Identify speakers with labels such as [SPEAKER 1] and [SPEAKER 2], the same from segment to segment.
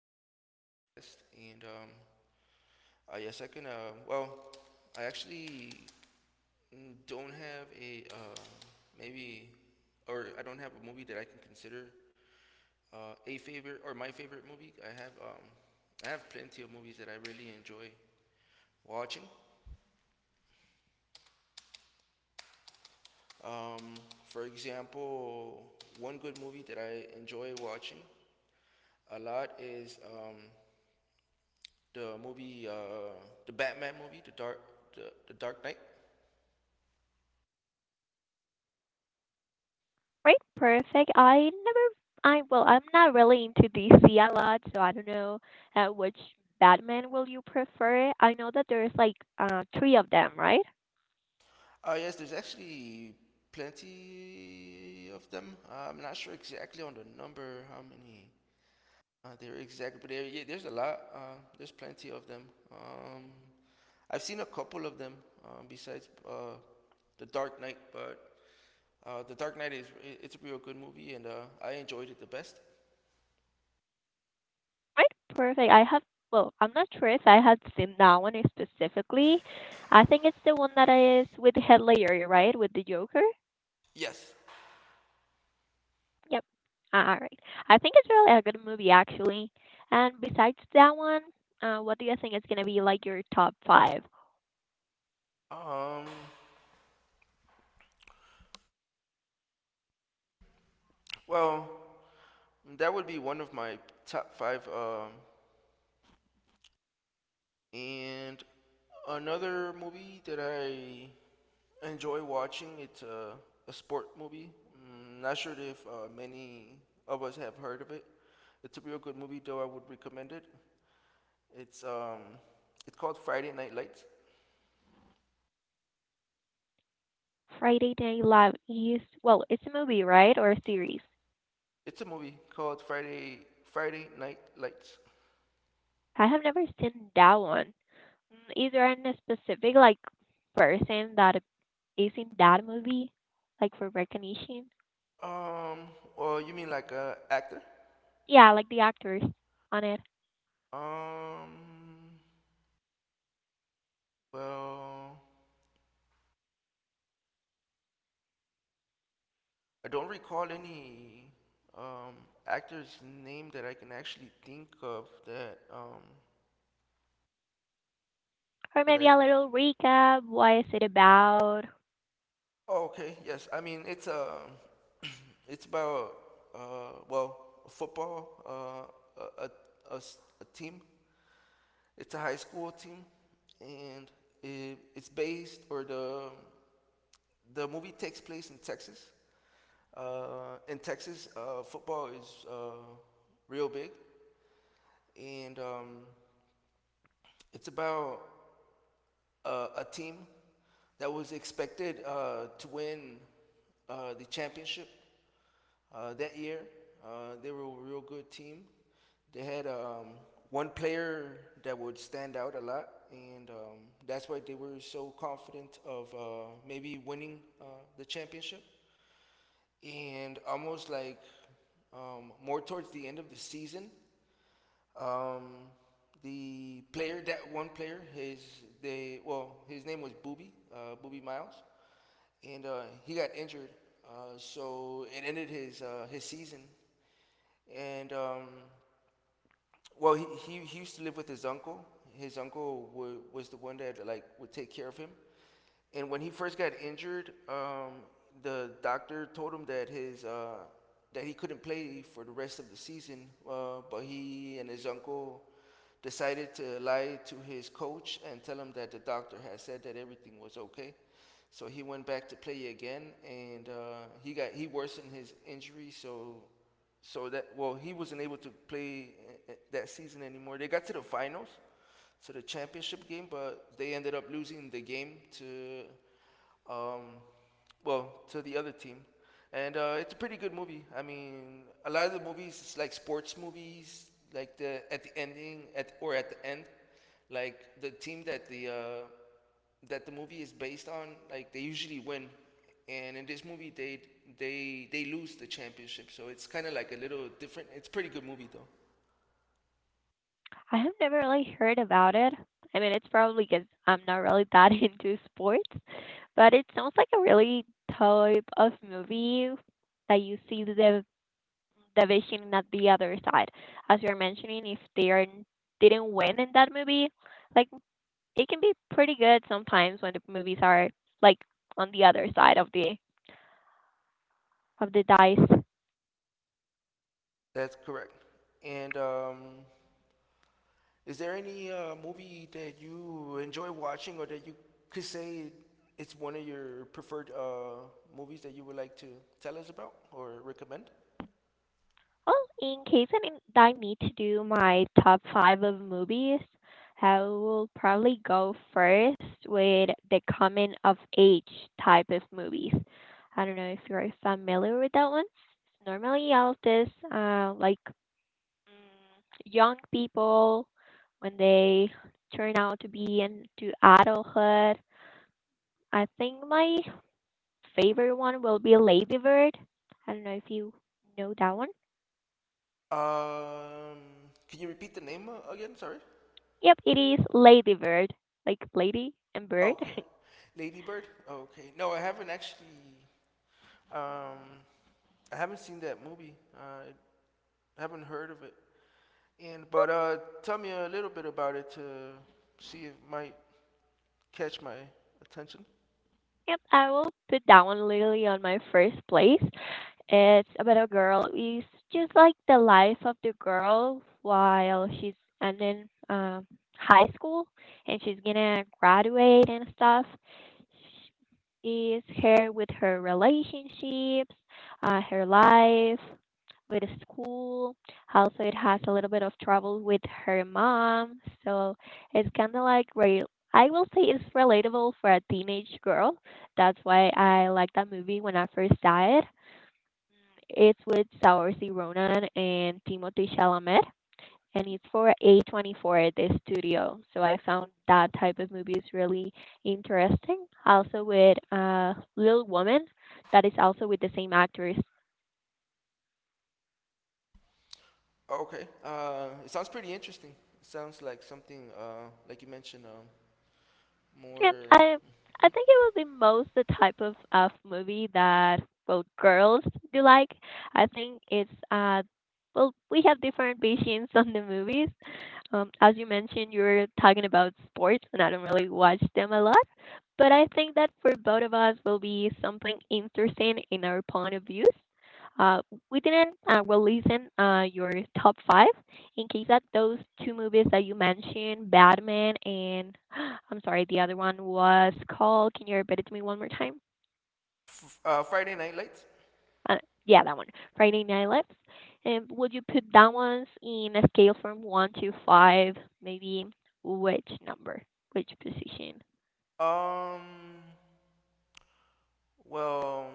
[SPEAKER 1] and today's podcast. And yes, I can. Well, I actually don't have a maybe, or I don't have a movie that I can consider a favorite or my favorite movie. I have plenty of movies that I really enjoy watching. Um, for example, one good movie that I enjoy watching a lot is the movie, the Batman movie, the Dark Knight.
[SPEAKER 2] Right. Perfect. I never. I well, I'm not really into DC a lot, so I don't know which Batman will you prefer. I know that there's like three of them, right?
[SPEAKER 1] Yes, there's actually plenty of them. I'm not sure exactly on the number how many there are exactly, but yeah, there's a lot. There's plenty of them. Um, I've seen a couple of them besides the Dark Knight, but the Dark Knight it's a real good movie, and I enjoyed it the best.
[SPEAKER 2] Right, perfect. I have, well, I'm not sure if I had seen that one specifically. I think it's the one that is with Heath Ledger, right? With the Joker.
[SPEAKER 1] Yes.
[SPEAKER 2] Yep. Ah, all right. I think it's really a good movie, actually. And besides that one, what do you think is gonna be like your top five?
[SPEAKER 1] Um. Well, that would be one of my top five. And another movie that I enjoy watching, it's a sport movie. Not sure if many of us have heard of it. It's a real good movie, though I would recommend it. It's um, it's called Friday Night Lights.
[SPEAKER 2] Friday Night Live is, well, it's a movie, right, or a series?
[SPEAKER 1] It's a movie called Friday Night Lights.
[SPEAKER 2] I have never seen that one. Is there any specific like person that is in that movie, like for recognition?
[SPEAKER 1] Um, well, you mean like a actor?
[SPEAKER 2] Yeah, like the actors on it.
[SPEAKER 1] Um, well, I don't recall any um, actor's name that I can actually think of that um,
[SPEAKER 2] Or
[SPEAKER 1] that I
[SPEAKER 2] maybe a
[SPEAKER 1] could.
[SPEAKER 2] little recap. Why is it about?
[SPEAKER 1] Oh, okay. Yes. I mean, it's about well, football. A team. It's a high school team, and it, it's based or the movie takes place in Texas. In Texas, football is real big, and it's about a team that was expected to win the championship that year. They were a real good team. They had one player that would stand out a lot, and that's why they were so confident of maybe winning the championship. And almost like more towards the end of the season, um, the player, that one player, his name was Booby, Booby Miles, and he got injured, so it ended his season, and well, he used to live with his uncle. His uncle was the one that like would take care of him. And when he first got injured, the doctor told him that he couldn't play for the rest of the season. But he and his uncle decided to lie to his coach and tell him that the doctor had said that everything was okay. So he went back to play again, and he worsened his injury. So so that well he wasn't able to play that season anymore. They got to the finals, to the championship game, but they ended up losing the game um, to the other team. And it's a pretty good movie. I mean, a lot of the movies, it's like sports movies, like the at the ending at or at the end, like the team that the movie is based on, like they usually win, and in this movie they lose the championship. So it's kind of like a little different. It's a pretty good movie though.
[SPEAKER 2] I have never really heard about it. I mean, it's probably because I'm not really that into sports, but it sounds like a really type of movie that you see the vision at the other side. As you're mentioning, if they are, didn't win in that movie, like it can be pretty good sometimes when the movies are like on the other side of the dice.
[SPEAKER 1] That's correct. And is there any movie that you enjoy watching or that you could say it's one of your preferred movies that you would like to tell us about or recommend?
[SPEAKER 2] Well, in case I mean, I need to do my top five of movies, I will probably go first with the coming of age type of movies. I don't know if you're familiar with that one. Normally, all of this, like young people when they turn out to be into adulthood. I think my favorite one will be Lady Bird. I don't know if you know that one.
[SPEAKER 1] Um, can you repeat the name again? Sorry.
[SPEAKER 2] Yep, it is Ladybird, like lady and
[SPEAKER 1] Oh,
[SPEAKER 2] bird.
[SPEAKER 1] okay. Lady Bird. Okay. No, I haven't actually. Um, I haven't seen that movie. I haven't heard of it. And but tell me a little bit about it to see if it might catch my attention.
[SPEAKER 2] Yep, I will put that one literally on my first place. It's about a girl. It's just like the life of the girl while she's ending um, high school and she's gonna graduate and stuff. She is her with her relationships, her life with school. Also, it has a little bit of trouble with her mom. So it's kind of like real. I will say it's relatable for a teenage girl that's why I liked that movie when I first saw it. It's with Saoirse Ronan and Timothée Chalamet, and it's for A24, the studio. So I found that type of movies really interesting. Also with Little Woman, that is also with the same actors.
[SPEAKER 1] Okay. It sounds pretty interesting. It sounds like something, like you mentioned,
[SPEAKER 2] Yeah,
[SPEAKER 1] more
[SPEAKER 2] I think it will be most the type of movie that well girls do like. I think it's well we have different visions on the movies. As you mentioned, you were talking about sports, and I don't really watch them a lot. But I think that for both of us will be something interesting in our point of views. Uh, we didn't well listen your top five, in case that those two movies that you mentioned, Batman and I'm sorry, the other one was called. Can you repeat it to me one more time?
[SPEAKER 1] Friday Night Lights.
[SPEAKER 2] Uh, yeah, that one, Friday Night Lights. And would you put that ones in a scale from one to five? Maybe which number, which position?
[SPEAKER 1] Um, well,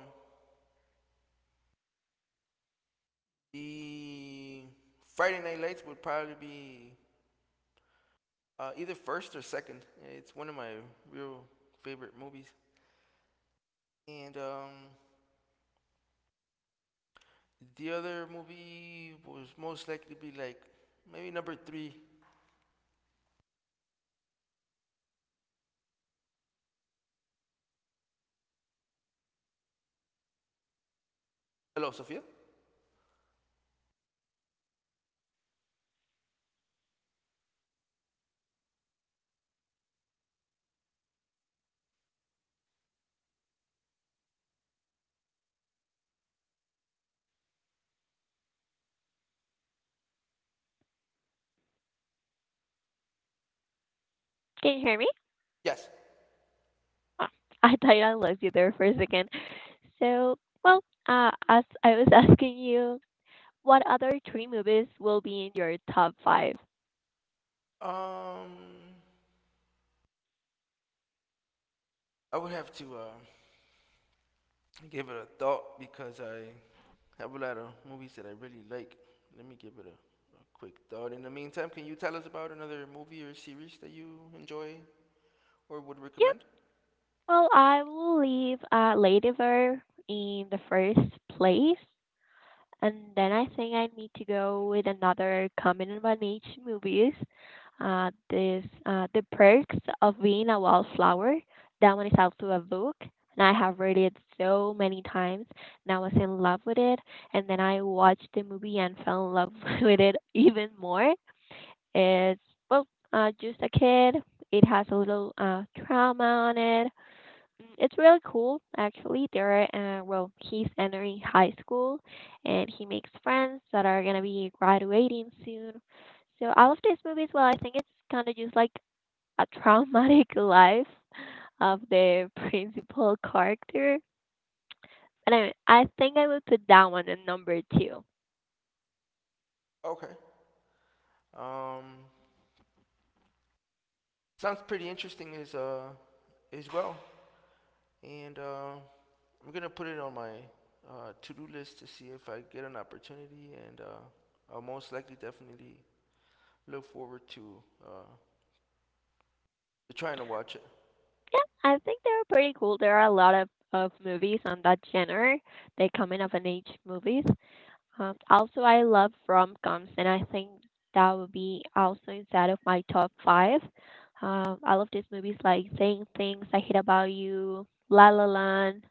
[SPEAKER 1] the Friday Night Lights would probably be either first or second. It's one of my real favorite movies. And the other movie was most likely be like maybe number three. Hello, Sophia.
[SPEAKER 2] Can you hear me?
[SPEAKER 1] Yes.
[SPEAKER 2] Oh, I thought I lost you there for a second. So, well, as I was asking you, what other three movies will be in your top five?
[SPEAKER 1] Um, I would have to. Give it a thought because I have a lot of movies that I really like. Let me give it a quick thought. In the meantime, can you tell us about another movie or series that you enjoy or would
[SPEAKER 2] Yeah,
[SPEAKER 1] recommend?
[SPEAKER 2] well, I will leave Ladyver in the first place, and then I think I need to go with another common one each movies. This The Perks of Being a Wallflower. That one is also a book, and I have read it so many times, and I was in love with it. And then I watched the movie and fell in love with it even more. It's well, just a kid. It has a little trauma on it. It's really cool, actually. Well, he's entering high school and he makes friends that are gonna be graduating soon. So all of these movies. Well, I think it's kind of just like a traumatic life of the principal character. And I think I would put that one in number two.
[SPEAKER 1] Okay. Um, Sounds pretty interesting as well. And I'm gonna put it on my to-do list to see if I get an opportunity, and I'll most likely definitely look forward uh, to trying to watch it.
[SPEAKER 2] Yeah, I think they're pretty cool. There are a lot of movies on that genre. They come in of an age movies. Also, I love rom coms, and I think that would be also inside of my top five. I love these movies like Saying Things I Hate About You, La La Land,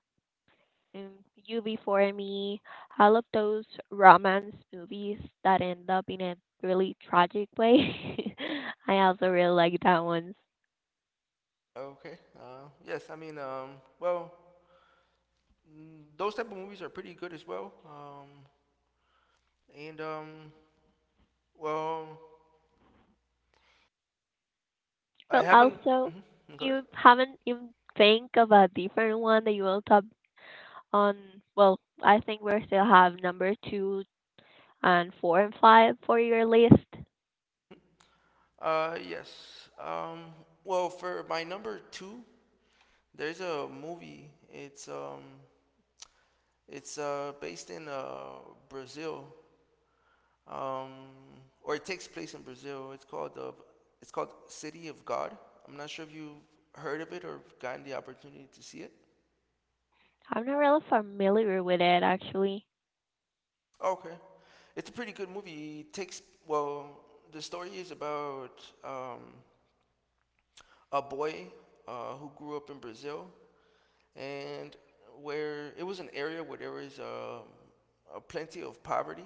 [SPEAKER 2] and You Before Me. I love those romance movies that end up in a really tragic way. I also really like that one.
[SPEAKER 1] Okay. Yes, I mean, well, those type of movies are pretty good as well. And well, I
[SPEAKER 2] Well,
[SPEAKER 1] haven't.
[SPEAKER 2] also,
[SPEAKER 1] Mhm, go ahead.
[SPEAKER 2] you haven't even think of a different one that you will top on, well, I think we still have number two and four and five for your list?
[SPEAKER 1] Yes. Well, for my number two, there's a movie. It's based in Brazil. Um, or it takes place in Brazil. It's called City of God. I'm not sure if you've heard of it or gotten the opportunity to see it.
[SPEAKER 2] I'm not really familiar with it actually.
[SPEAKER 1] Okay. It's a pretty good movie. Well, the story is about a boy who grew up in Brazil, and where it was an area where there was plenty of poverty,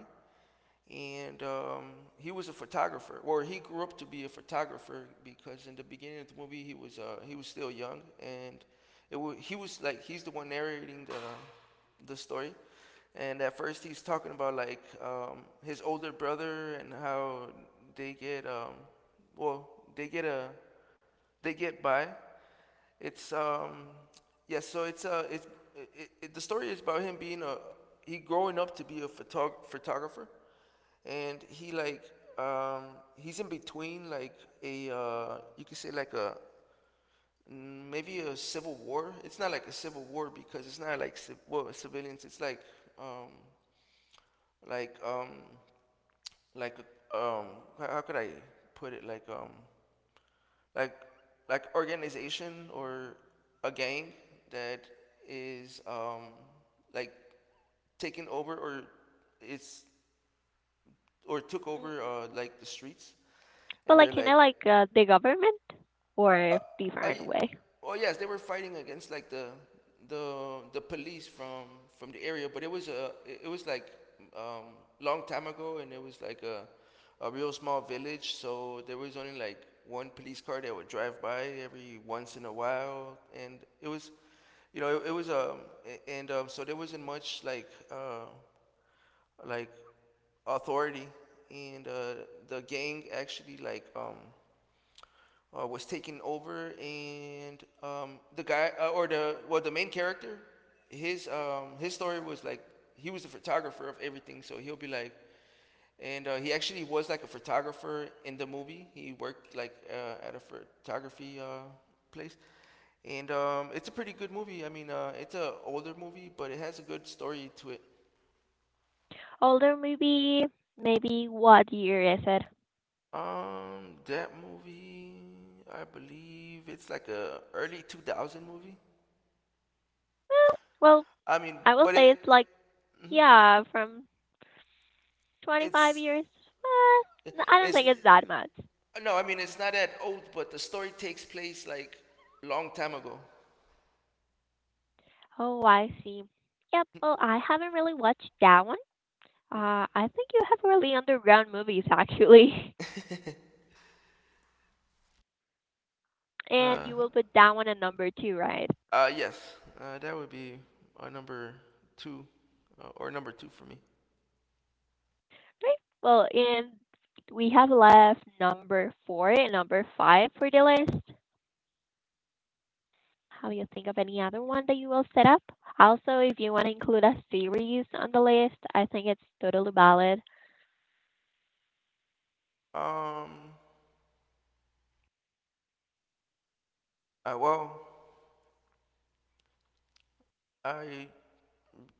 [SPEAKER 1] and he was a photographer, or he grew up to be a photographer, because in the beginning of the movie he was still young, and it wa he was like he's the one narrating the story, and at first he's talking about like his older brother and how they get well, they get a they get by. It's Yeah, so the story is about him being a he growing up to be a photographer, and he like um he's in between like a, you could say, like a maybe a civil war. It's not like a civil war, because it's not like well, civilians. It's like um like um like um how could I put it, like like organization, or a gang that is like taken over, or it's or took
[SPEAKER 2] Mm,
[SPEAKER 1] over like the streets.
[SPEAKER 2] But
[SPEAKER 1] And they're
[SPEAKER 2] like,
[SPEAKER 1] like.
[SPEAKER 2] like the government
[SPEAKER 1] Uh,
[SPEAKER 2] or
[SPEAKER 1] Are you,
[SPEAKER 2] different way?
[SPEAKER 1] well, yes, they were fighting against like the police from the area, but it was like um, long time ago, and it was like a real small village, so there was only like one police car that would drive by every once in a while, and it was, it, it was a- and so there wasn't much like authority, and the gang actually like was taken over, and the guy or the well, the main character, his story was like he was a photographer of everything, so he'll be like, and he actually was like a photographer in the movie. He worked like at a photography place, and it's a pretty good movie. I mean, it's an older movie, but it has a good story to it.
[SPEAKER 2] Older maybe, Maybe what year is it?
[SPEAKER 1] That movie, I believe it's like a early 2000 movie.
[SPEAKER 2] Eh, well,
[SPEAKER 1] I mean,
[SPEAKER 2] I will
[SPEAKER 1] but it.
[SPEAKER 2] say it's like
[SPEAKER 1] Mhm.
[SPEAKER 2] yeah, from 25
[SPEAKER 1] it's
[SPEAKER 2] years. I don't
[SPEAKER 1] it's
[SPEAKER 2] think it's that much.
[SPEAKER 1] No, I mean it's not that old, but the story takes place like long time ago.
[SPEAKER 2] Oh, I see. Yep. Well, I haven't really watched that one. I think you have really underground movies actually, and
[SPEAKER 1] uh,
[SPEAKER 2] you will put that one at number two, right?
[SPEAKER 1] yes, that would be number two, or number two for me.
[SPEAKER 2] Right. Well, and we have left number four and number five for the list. How you think of any other one that you will set up? Also, if you want to include a series on the list, I think it's totally valid.
[SPEAKER 1] Um, well, I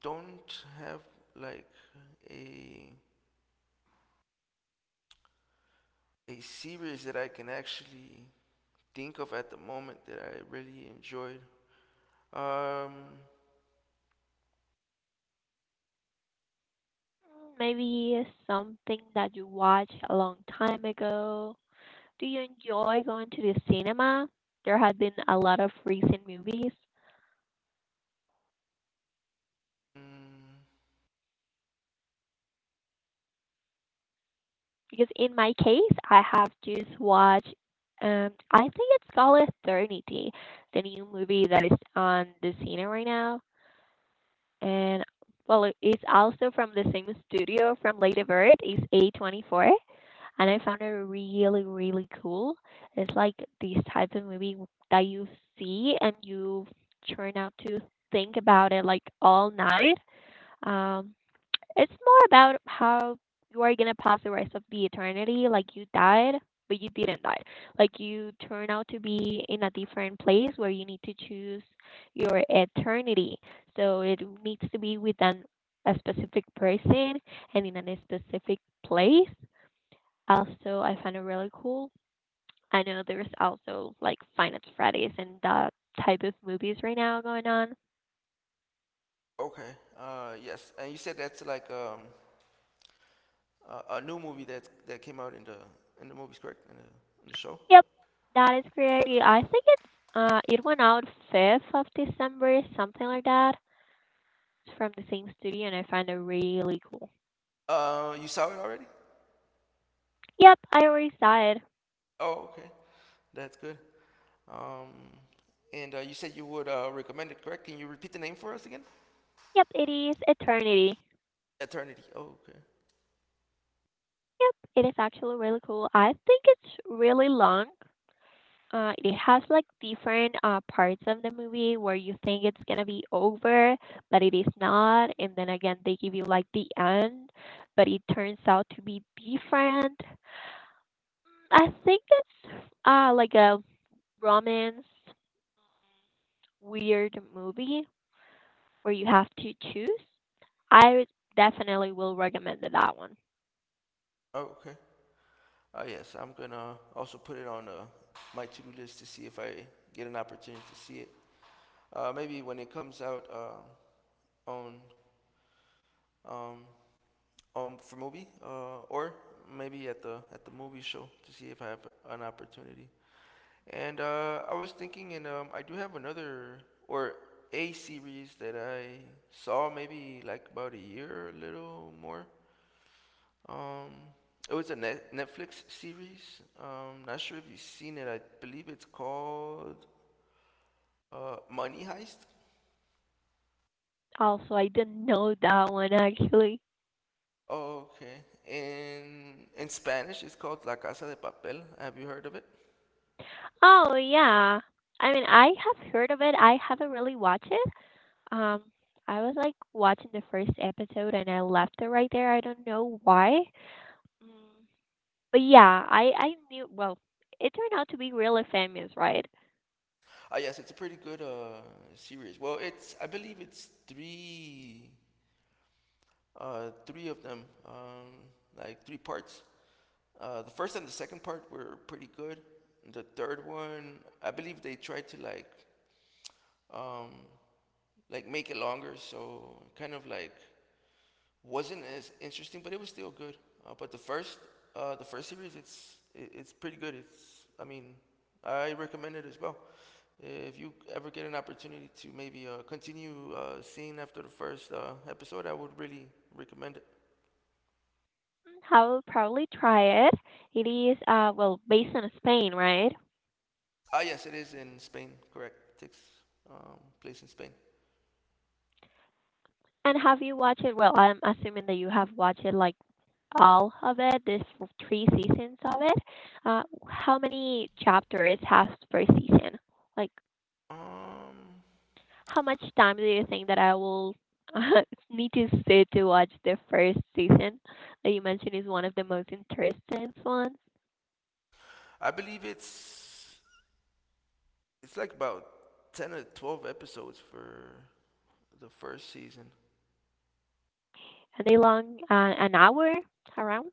[SPEAKER 1] don't have like a a series that I can actually think of at the moment that I really enjoyed. Um,
[SPEAKER 2] Maybe something that you watched a long time ago. Do you enjoy going to the cinema? There have been a lot of recent movies.
[SPEAKER 1] mm,
[SPEAKER 2] Because in my case, I have just watched, I think it's called Eternity, the new movie that is on the cinema right now. And, well, it's also from the same studio from Lady Bird, it's A24. And I found it really, really cool. It's like these type of movie that you see and you turn out to think about it like all night. Um, it's more about how you are gonna pass the rest of the eternity. Like you died, but you didn't die. Like you turn out to be in a different place where you need to choose your eternity. So it needs to be with an a specific person and in a specific place. Also, I find it really cool. I know there's also like Finance Fridays and that type of movies right now going on.
[SPEAKER 1] okay, yes, and you said that's like a new movie that came out in the movies, correct? In the show.
[SPEAKER 2] Yep, that is correct. Yeah, I think it's it went out fifth of December, something like that. It's from the same studio and I find it really cool.
[SPEAKER 1] You saw it already?
[SPEAKER 2] Yep, I already saw it.
[SPEAKER 1] Oh, okay, that's good. Um, and you said you would recommend it, correct? Can you repeat the name for us again?
[SPEAKER 2] Yep, it is Eternity.
[SPEAKER 1] Eternity. Oh, okay.
[SPEAKER 2] Yep, it is actually really cool. I think it's really long. It has like different parts of the movie where you think it's gonna be over, but it is not, and then again they give you like the end, but it turns out to be different. I think it's like a romance weird movie where you have to choose. I would- Definitely will recommend that one.
[SPEAKER 1] Oh, okay. Yes, I'm gonna also put it on my to-do list to see if I get an opportunity to see it. Maybe when it comes out on um, on for movie, or maybe at the movie show to see if I have an opportunity. And I was thinking, and I do have another or a series that I saw maybe like about a year or a little more. Um, it was a Netflix series. Not sure if you've seen it. I believe it's called Money Heist.
[SPEAKER 2] Also, I didn't know that one actually.
[SPEAKER 1] Oh, okay. In Spanish, it's called La Casa de Papel. Have you heard of it?
[SPEAKER 2] Oh yeah. I mean, I have heard of it. I haven't really watched it. Um, I was like watching the first episode and I left it right there. I don't know why. Mm, but yeah, I knew. Well, it turned out to be really famous, right?
[SPEAKER 1] Ah, yes, it's a pretty good series. Well, it's I believe it's three of them, like three parts. The first and the second part were pretty good. The third one, I believe they tried to um, like make it longer, so kind of like wasn't as interesting, but it was still good. But the first series, it's pretty good. It's, I mean, I recommend it as well. If you ever get an opportunity to maybe continue seeing after the first episode, I would really recommend it.
[SPEAKER 2] I will probably try it. It is well based in Spain, right?
[SPEAKER 1] Ah, yes, it is in Spain. Correct. Takes place in Spain.
[SPEAKER 2] And have you watched it? Well, I'm assuming that you have watched it like all of it, the three seasons of it. Uh, how many chapters has per season? Like,
[SPEAKER 1] Um,
[SPEAKER 2] how much time do you think that I will need to sit to watch the first season that you mentioned is one of the most interesting ones?
[SPEAKER 1] I believe it's like about 10 or 12 episodes for the first season.
[SPEAKER 2] Are they long? An hour around?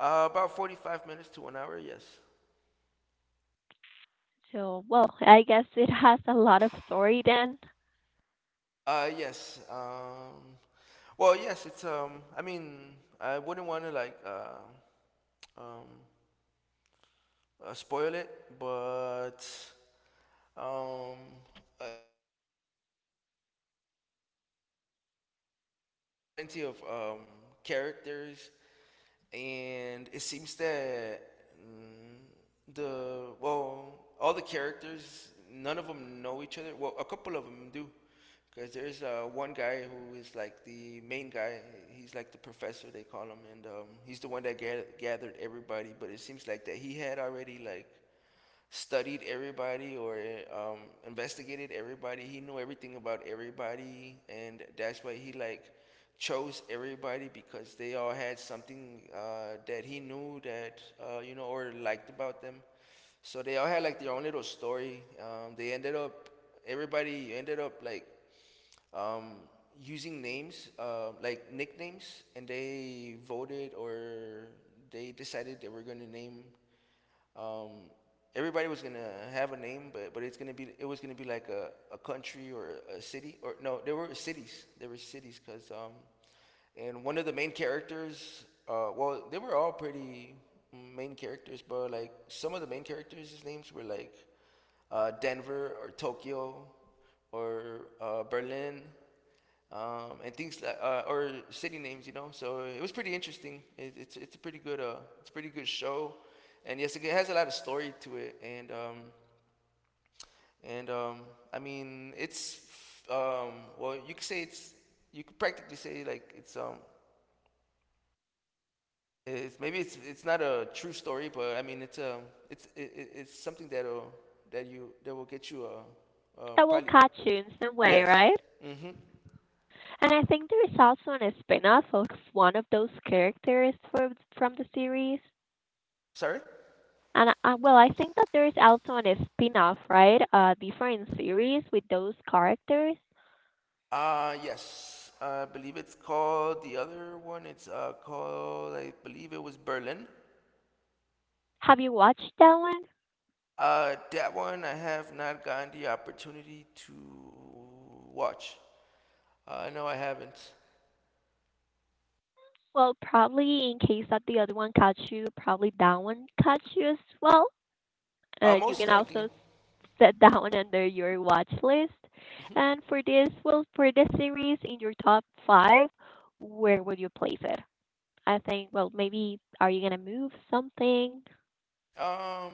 [SPEAKER 1] About 45 minutes to an hour. Yes.
[SPEAKER 2] So, well, I guess it has a lot of story then
[SPEAKER 1] Yes. Well, yes. It's I mean, I wouldn't want to like um spoil it, but um, yes, it's a pretty good story. It's there's plenty of characters, and it seems that mm, the well, all the characters, none of them know each other. Well, a couple of them do, because there's one guy who is like the main guy. He's like the professor they call him, and he's the one that gathered everybody. But it seems like that he had already like studied everybody or um, investigated everybody. He knew everything about everybody, and that's why he like chose everybody because they all had something that he knew that or liked about them. So they all had like their own little story. They ended up everybody ended up like um, using names like nicknames, and they voted or they decided they were gonna name um, everybody was gonna have a name, but it was gonna be like a country or a city or no, there were cities. There were cities because and one of the main characters, well, they were all pretty main characters, but like some of the main characters' names were like Denver or Tokyo or Berlin and things like or city names, you know. So it was pretty interesting. It, it's a pretty good it's a pretty good show, and yes, it has a lot of story to it, and I mean it's um well you could say it's you could practically say like it's maybe it's not a true story, but I mean it's something that will get you
[SPEAKER 2] that will
[SPEAKER 1] probably
[SPEAKER 2] catch you
[SPEAKER 1] hooked.
[SPEAKER 2] in some way,
[SPEAKER 1] Yes.
[SPEAKER 2] right?
[SPEAKER 1] Mhm.
[SPEAKER 2] And I think there is also an spin-off of one of those characters from the series.
[SPEAKER 1] Sorry.
[SPEAKER 2] And well, I think that there is also an spin-off, right? A different series with those characters.
[SPEAKER 1] Yes, I believe it's called the other one. It's called, I believe it was Berlin.
[SPEAKER 2] Have you watched that one?
[SPEAKER 1] That one I have not gotten the opportunity to watch. No, I haven't.
[SPEAKER 2] Well, probably in case that the other one caught you, probably that one caught you as well.
[SPEAKER 1] Uh,
[SPEAKER 2] You
[SPEAKER 1] most
[SPEAKER 2] can
[SPEAKER 1] likely.
[SPEAKER 2] also set that one under your watch list.
[SPEAKER 1] Mhm.
[SPEAKER 2] And for this, well, for this series in your top five, where would you place it? I think, well, maybe are you gonna move something?
[SPEAKER 1] Um,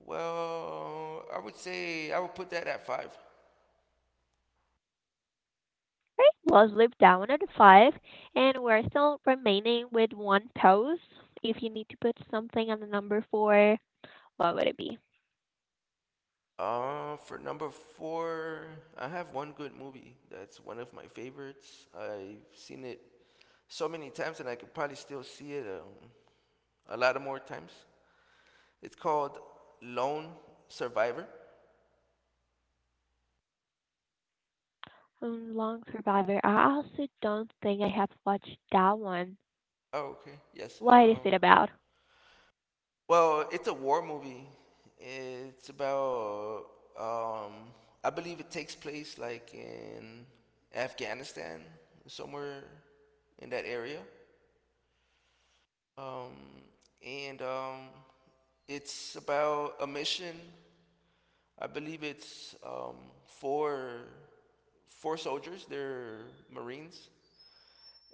[SPEAKER 1] well, I would say I would put that at five.
[SPEAKER 2] Right, let's leave that one at five, and we're still remaining with one pose. If you need to put something on the number four, what would it be?
[SPEAKER 1] For number four, I have one good movie that's one of my favorites. I've seen it so many times, and I could probably still see it a lot of more times. It's called Lone Survivor.
[SPEAKER 2] Long Survivor. I also don't think I have watched that one.
[SPEAKER 1] Oh, okay. Yes.
[SPEAKER 2] What is
[SPEAKER 1] Um,
[SPEAKER 2] it about?
[SPEAKER 1] well, it's a war movie. It's about, um, I believe it takes place like in Afghanistan, somewhere in that area. Um, and it's about a mission. I believe it's for four soldiers. They're Marines,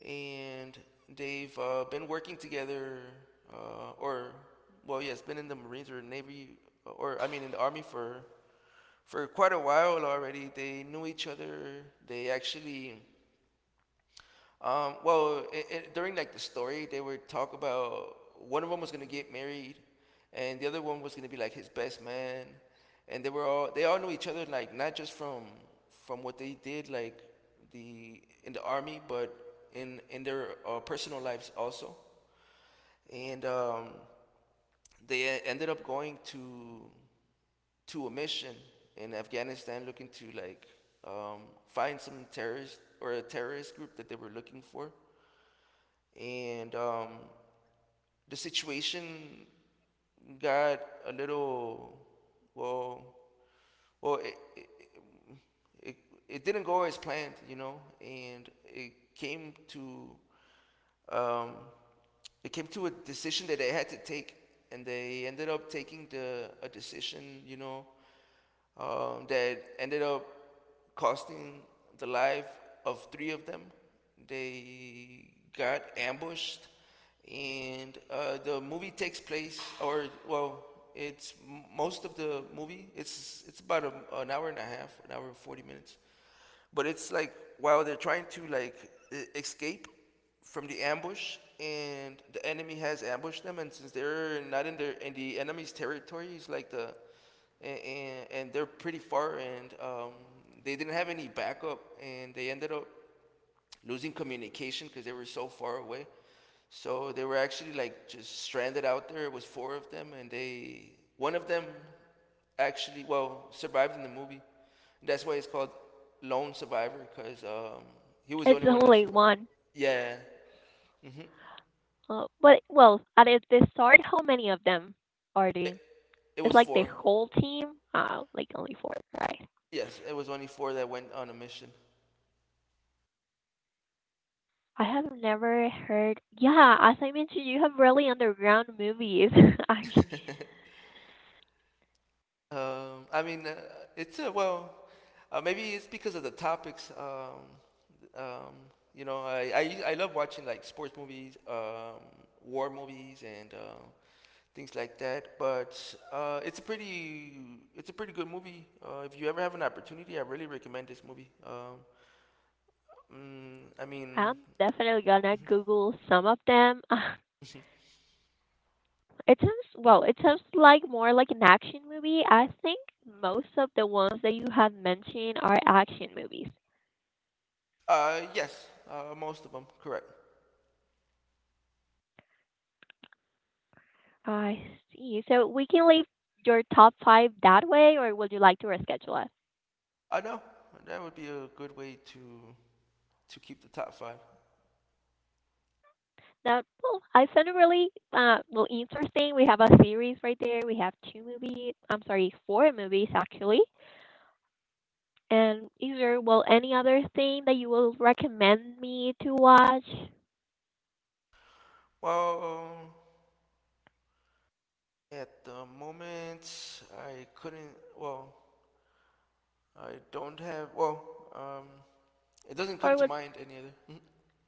[SPEAKER 1] and they've been working together, or well, yes, been in the Marines or Navy, or I mean in the Army for quite a while already. They knew each other. They actually well, during like the story, they were talk about one of them was gonna get married, and the other one was gonna be like his best man, and they all know each other like not just from what they did like the in the army, but in their personal lives also, and they ended up going to a mission in Afghanistan looking to like um, find some terrorist or a terrorist group that they were looking for and the situation got a little well well it, it, it, it didn't go as planned you know and it came to um, a decision that they had to take and they ended up taking the a decision that ended up costing the life of three of them. They got ambushed, and the movie takes place, or well, it's most of the movie. It's about an hour and a half, an hour and 40 minutes but it's like while they're trying to like escape from the ambush and the enemy has ambushed them and since they're not in the enemy's territory it's like the and they're pretty far and they didn't have any backup and they ended up losing communication because they were so far away. So they were actually like just stranded out there. It was four of them, and they one of them actually well survived in the movie. That's why it's called Lone Survivor because he was the
[SPEAKER 2] It's
[SPEAKER 1] only one that
[SPEAKER 2] only
[SPEAKER 1] survived.
[SPEAKER 2] one.
[SPEAKER 1] Yeah, hmm
[SPEAKER 2] But well, at the start, how many of them are they?
[SPEAKER 1] it, it
[SPEAKER 2] It's
[SPEAKER 1] was
[SPEAKER 2] like the
[SPEAKER 1] four.
[SPEAKER 2] whole team. Like only four, right?
[SPEAKER 1] Yes, it was only four that went on a mission.
[SPEAKER 2] I have never heard. Yeah, as I mentioned, you have really underground movies. I,
[SPEAKER 1] I mean, it's a well. Maybe it's because of the topics. Um, I love watching like sports movies, war movies, and things like that. But it's a pretty good movie. If you ever have an opportunity, I really recommend this movie. I mean,
[SPEAKER 2] I'm definitely gonna Google some of them. It sounds well. It sounds like more like an action movie. I think most of the ones that you have mentioned are action movies.
[SPEAKER 1] yes, most of them, correct.
[SPEAKER 2] I see. So we can leave your top five that way, or would you like to reschedule it?
[SPEAKER 1] I know that would be a good way to keep the top five.
[SPEAKER 2] That well, I found it really well interesting. We have a series right there. We have two movies. I'm sorry, four movies actually. And is there well any other thing that you will recommend me to watch,
[SPEAKER 1] Well, at the moment, I couldn't. Well, I don't have. Well, um, it doesn't come
[SPEAKER 2] or
[SPEAKER 1] to
[SPEAKER 2] would
[SPEAKER 1] mind any other. Mhm.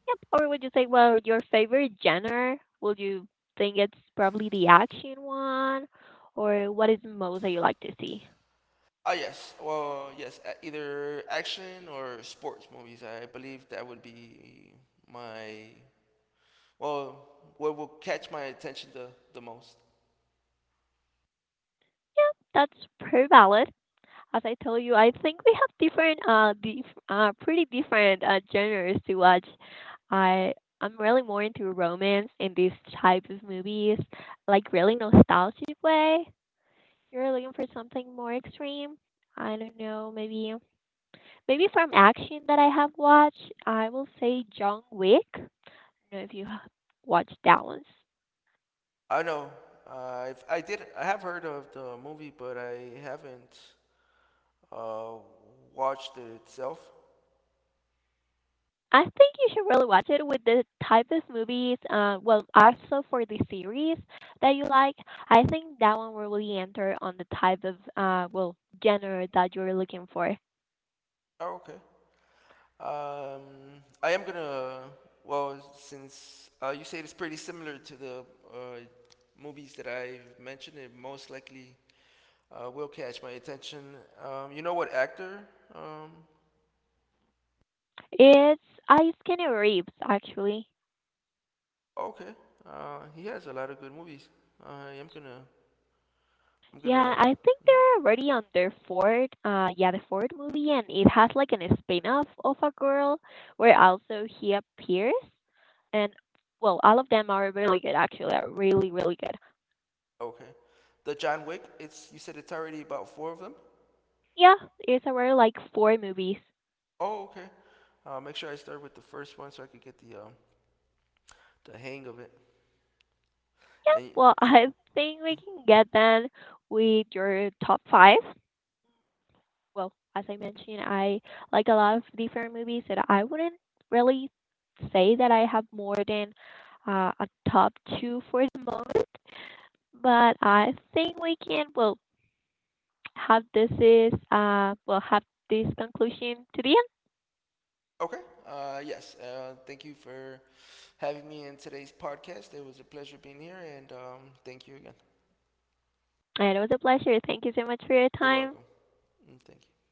[SPEAKER 2] yep, or would you say well your favorite genre? Would you think it's probably the action one, or what is the most that you like to see?
[SPEAKER 1] Ah, yes. Well, yes. Either action or sports movies. I believe that would be my. Well, what will catch my attention the most.
[SPEAKER 2] Yeah, that's pretty valid. As I told you, I think we have different, pretty different genres to watch. I I'm really more into romance and these type of movies, like really nostalgic way. If you're looking for something more extreme, I don't know, maybe from action that I have watched, I will say John Wick. I don't know if you have watched that one.
[SPEAKER 1] I know. I've I did I have heard of the movie, but I haven't uh watched it itself.
[SPEAKER 2] I think you should really watch it with the type of movies, well, also for the series that you like. I think that one will really enter on the type of, well, genre that you're looking for.
[SPEAKER 1] Okay. I am gonna. Well, since you say it's pretty similar to the uh, movies that I've mentioned, it most likely will catch my attention. You know what actor? Um,
[SPEAKER 2] It's Ice Skinny Reeves, actually.
[SPEAKER 1] okay, he has a lot of good movies. I am gonna. I'm
[SPEAKER 2] Yeah,
[SPEAKER 1] gonna.
[SPEAKER 2] I think they're already on their fourth, yeah, the fourth movie, and it has like an spin-off of a girl where also he appears. And, well, all of them are really good, actually, are really, really good.
[SPEAKER 1] Okay, the John Wick. It's you said it's already about four of them.
[SPEAKER 2] Yeah, it's around like four movies.
[SPEAKER 1] Oh, okay. Make sure I start with the first one so I could get the hang of it.
[SPEAKER 2] Yeah,
[SPEAKER 1] And
[SPEAKER 2] well, I think we can get then with your top five. Well, as I mentioned, I like a lot of different movies that I wouldn't really say that I have more than a top two for the moment, but I think we can, well, have this is, we'll have this conclusion to the end.
[SPEAKER 1] okay, yes, thank you for having me in today's podcast. It was a pleasure being here, and thank you again.
[SPEAKER 2] And it was a pleasure. Thank you so much for your
[SPEAKER 1] You're
[SPEAKER 2] time.
[SPEAKER 1] welcome. Mm, thank you.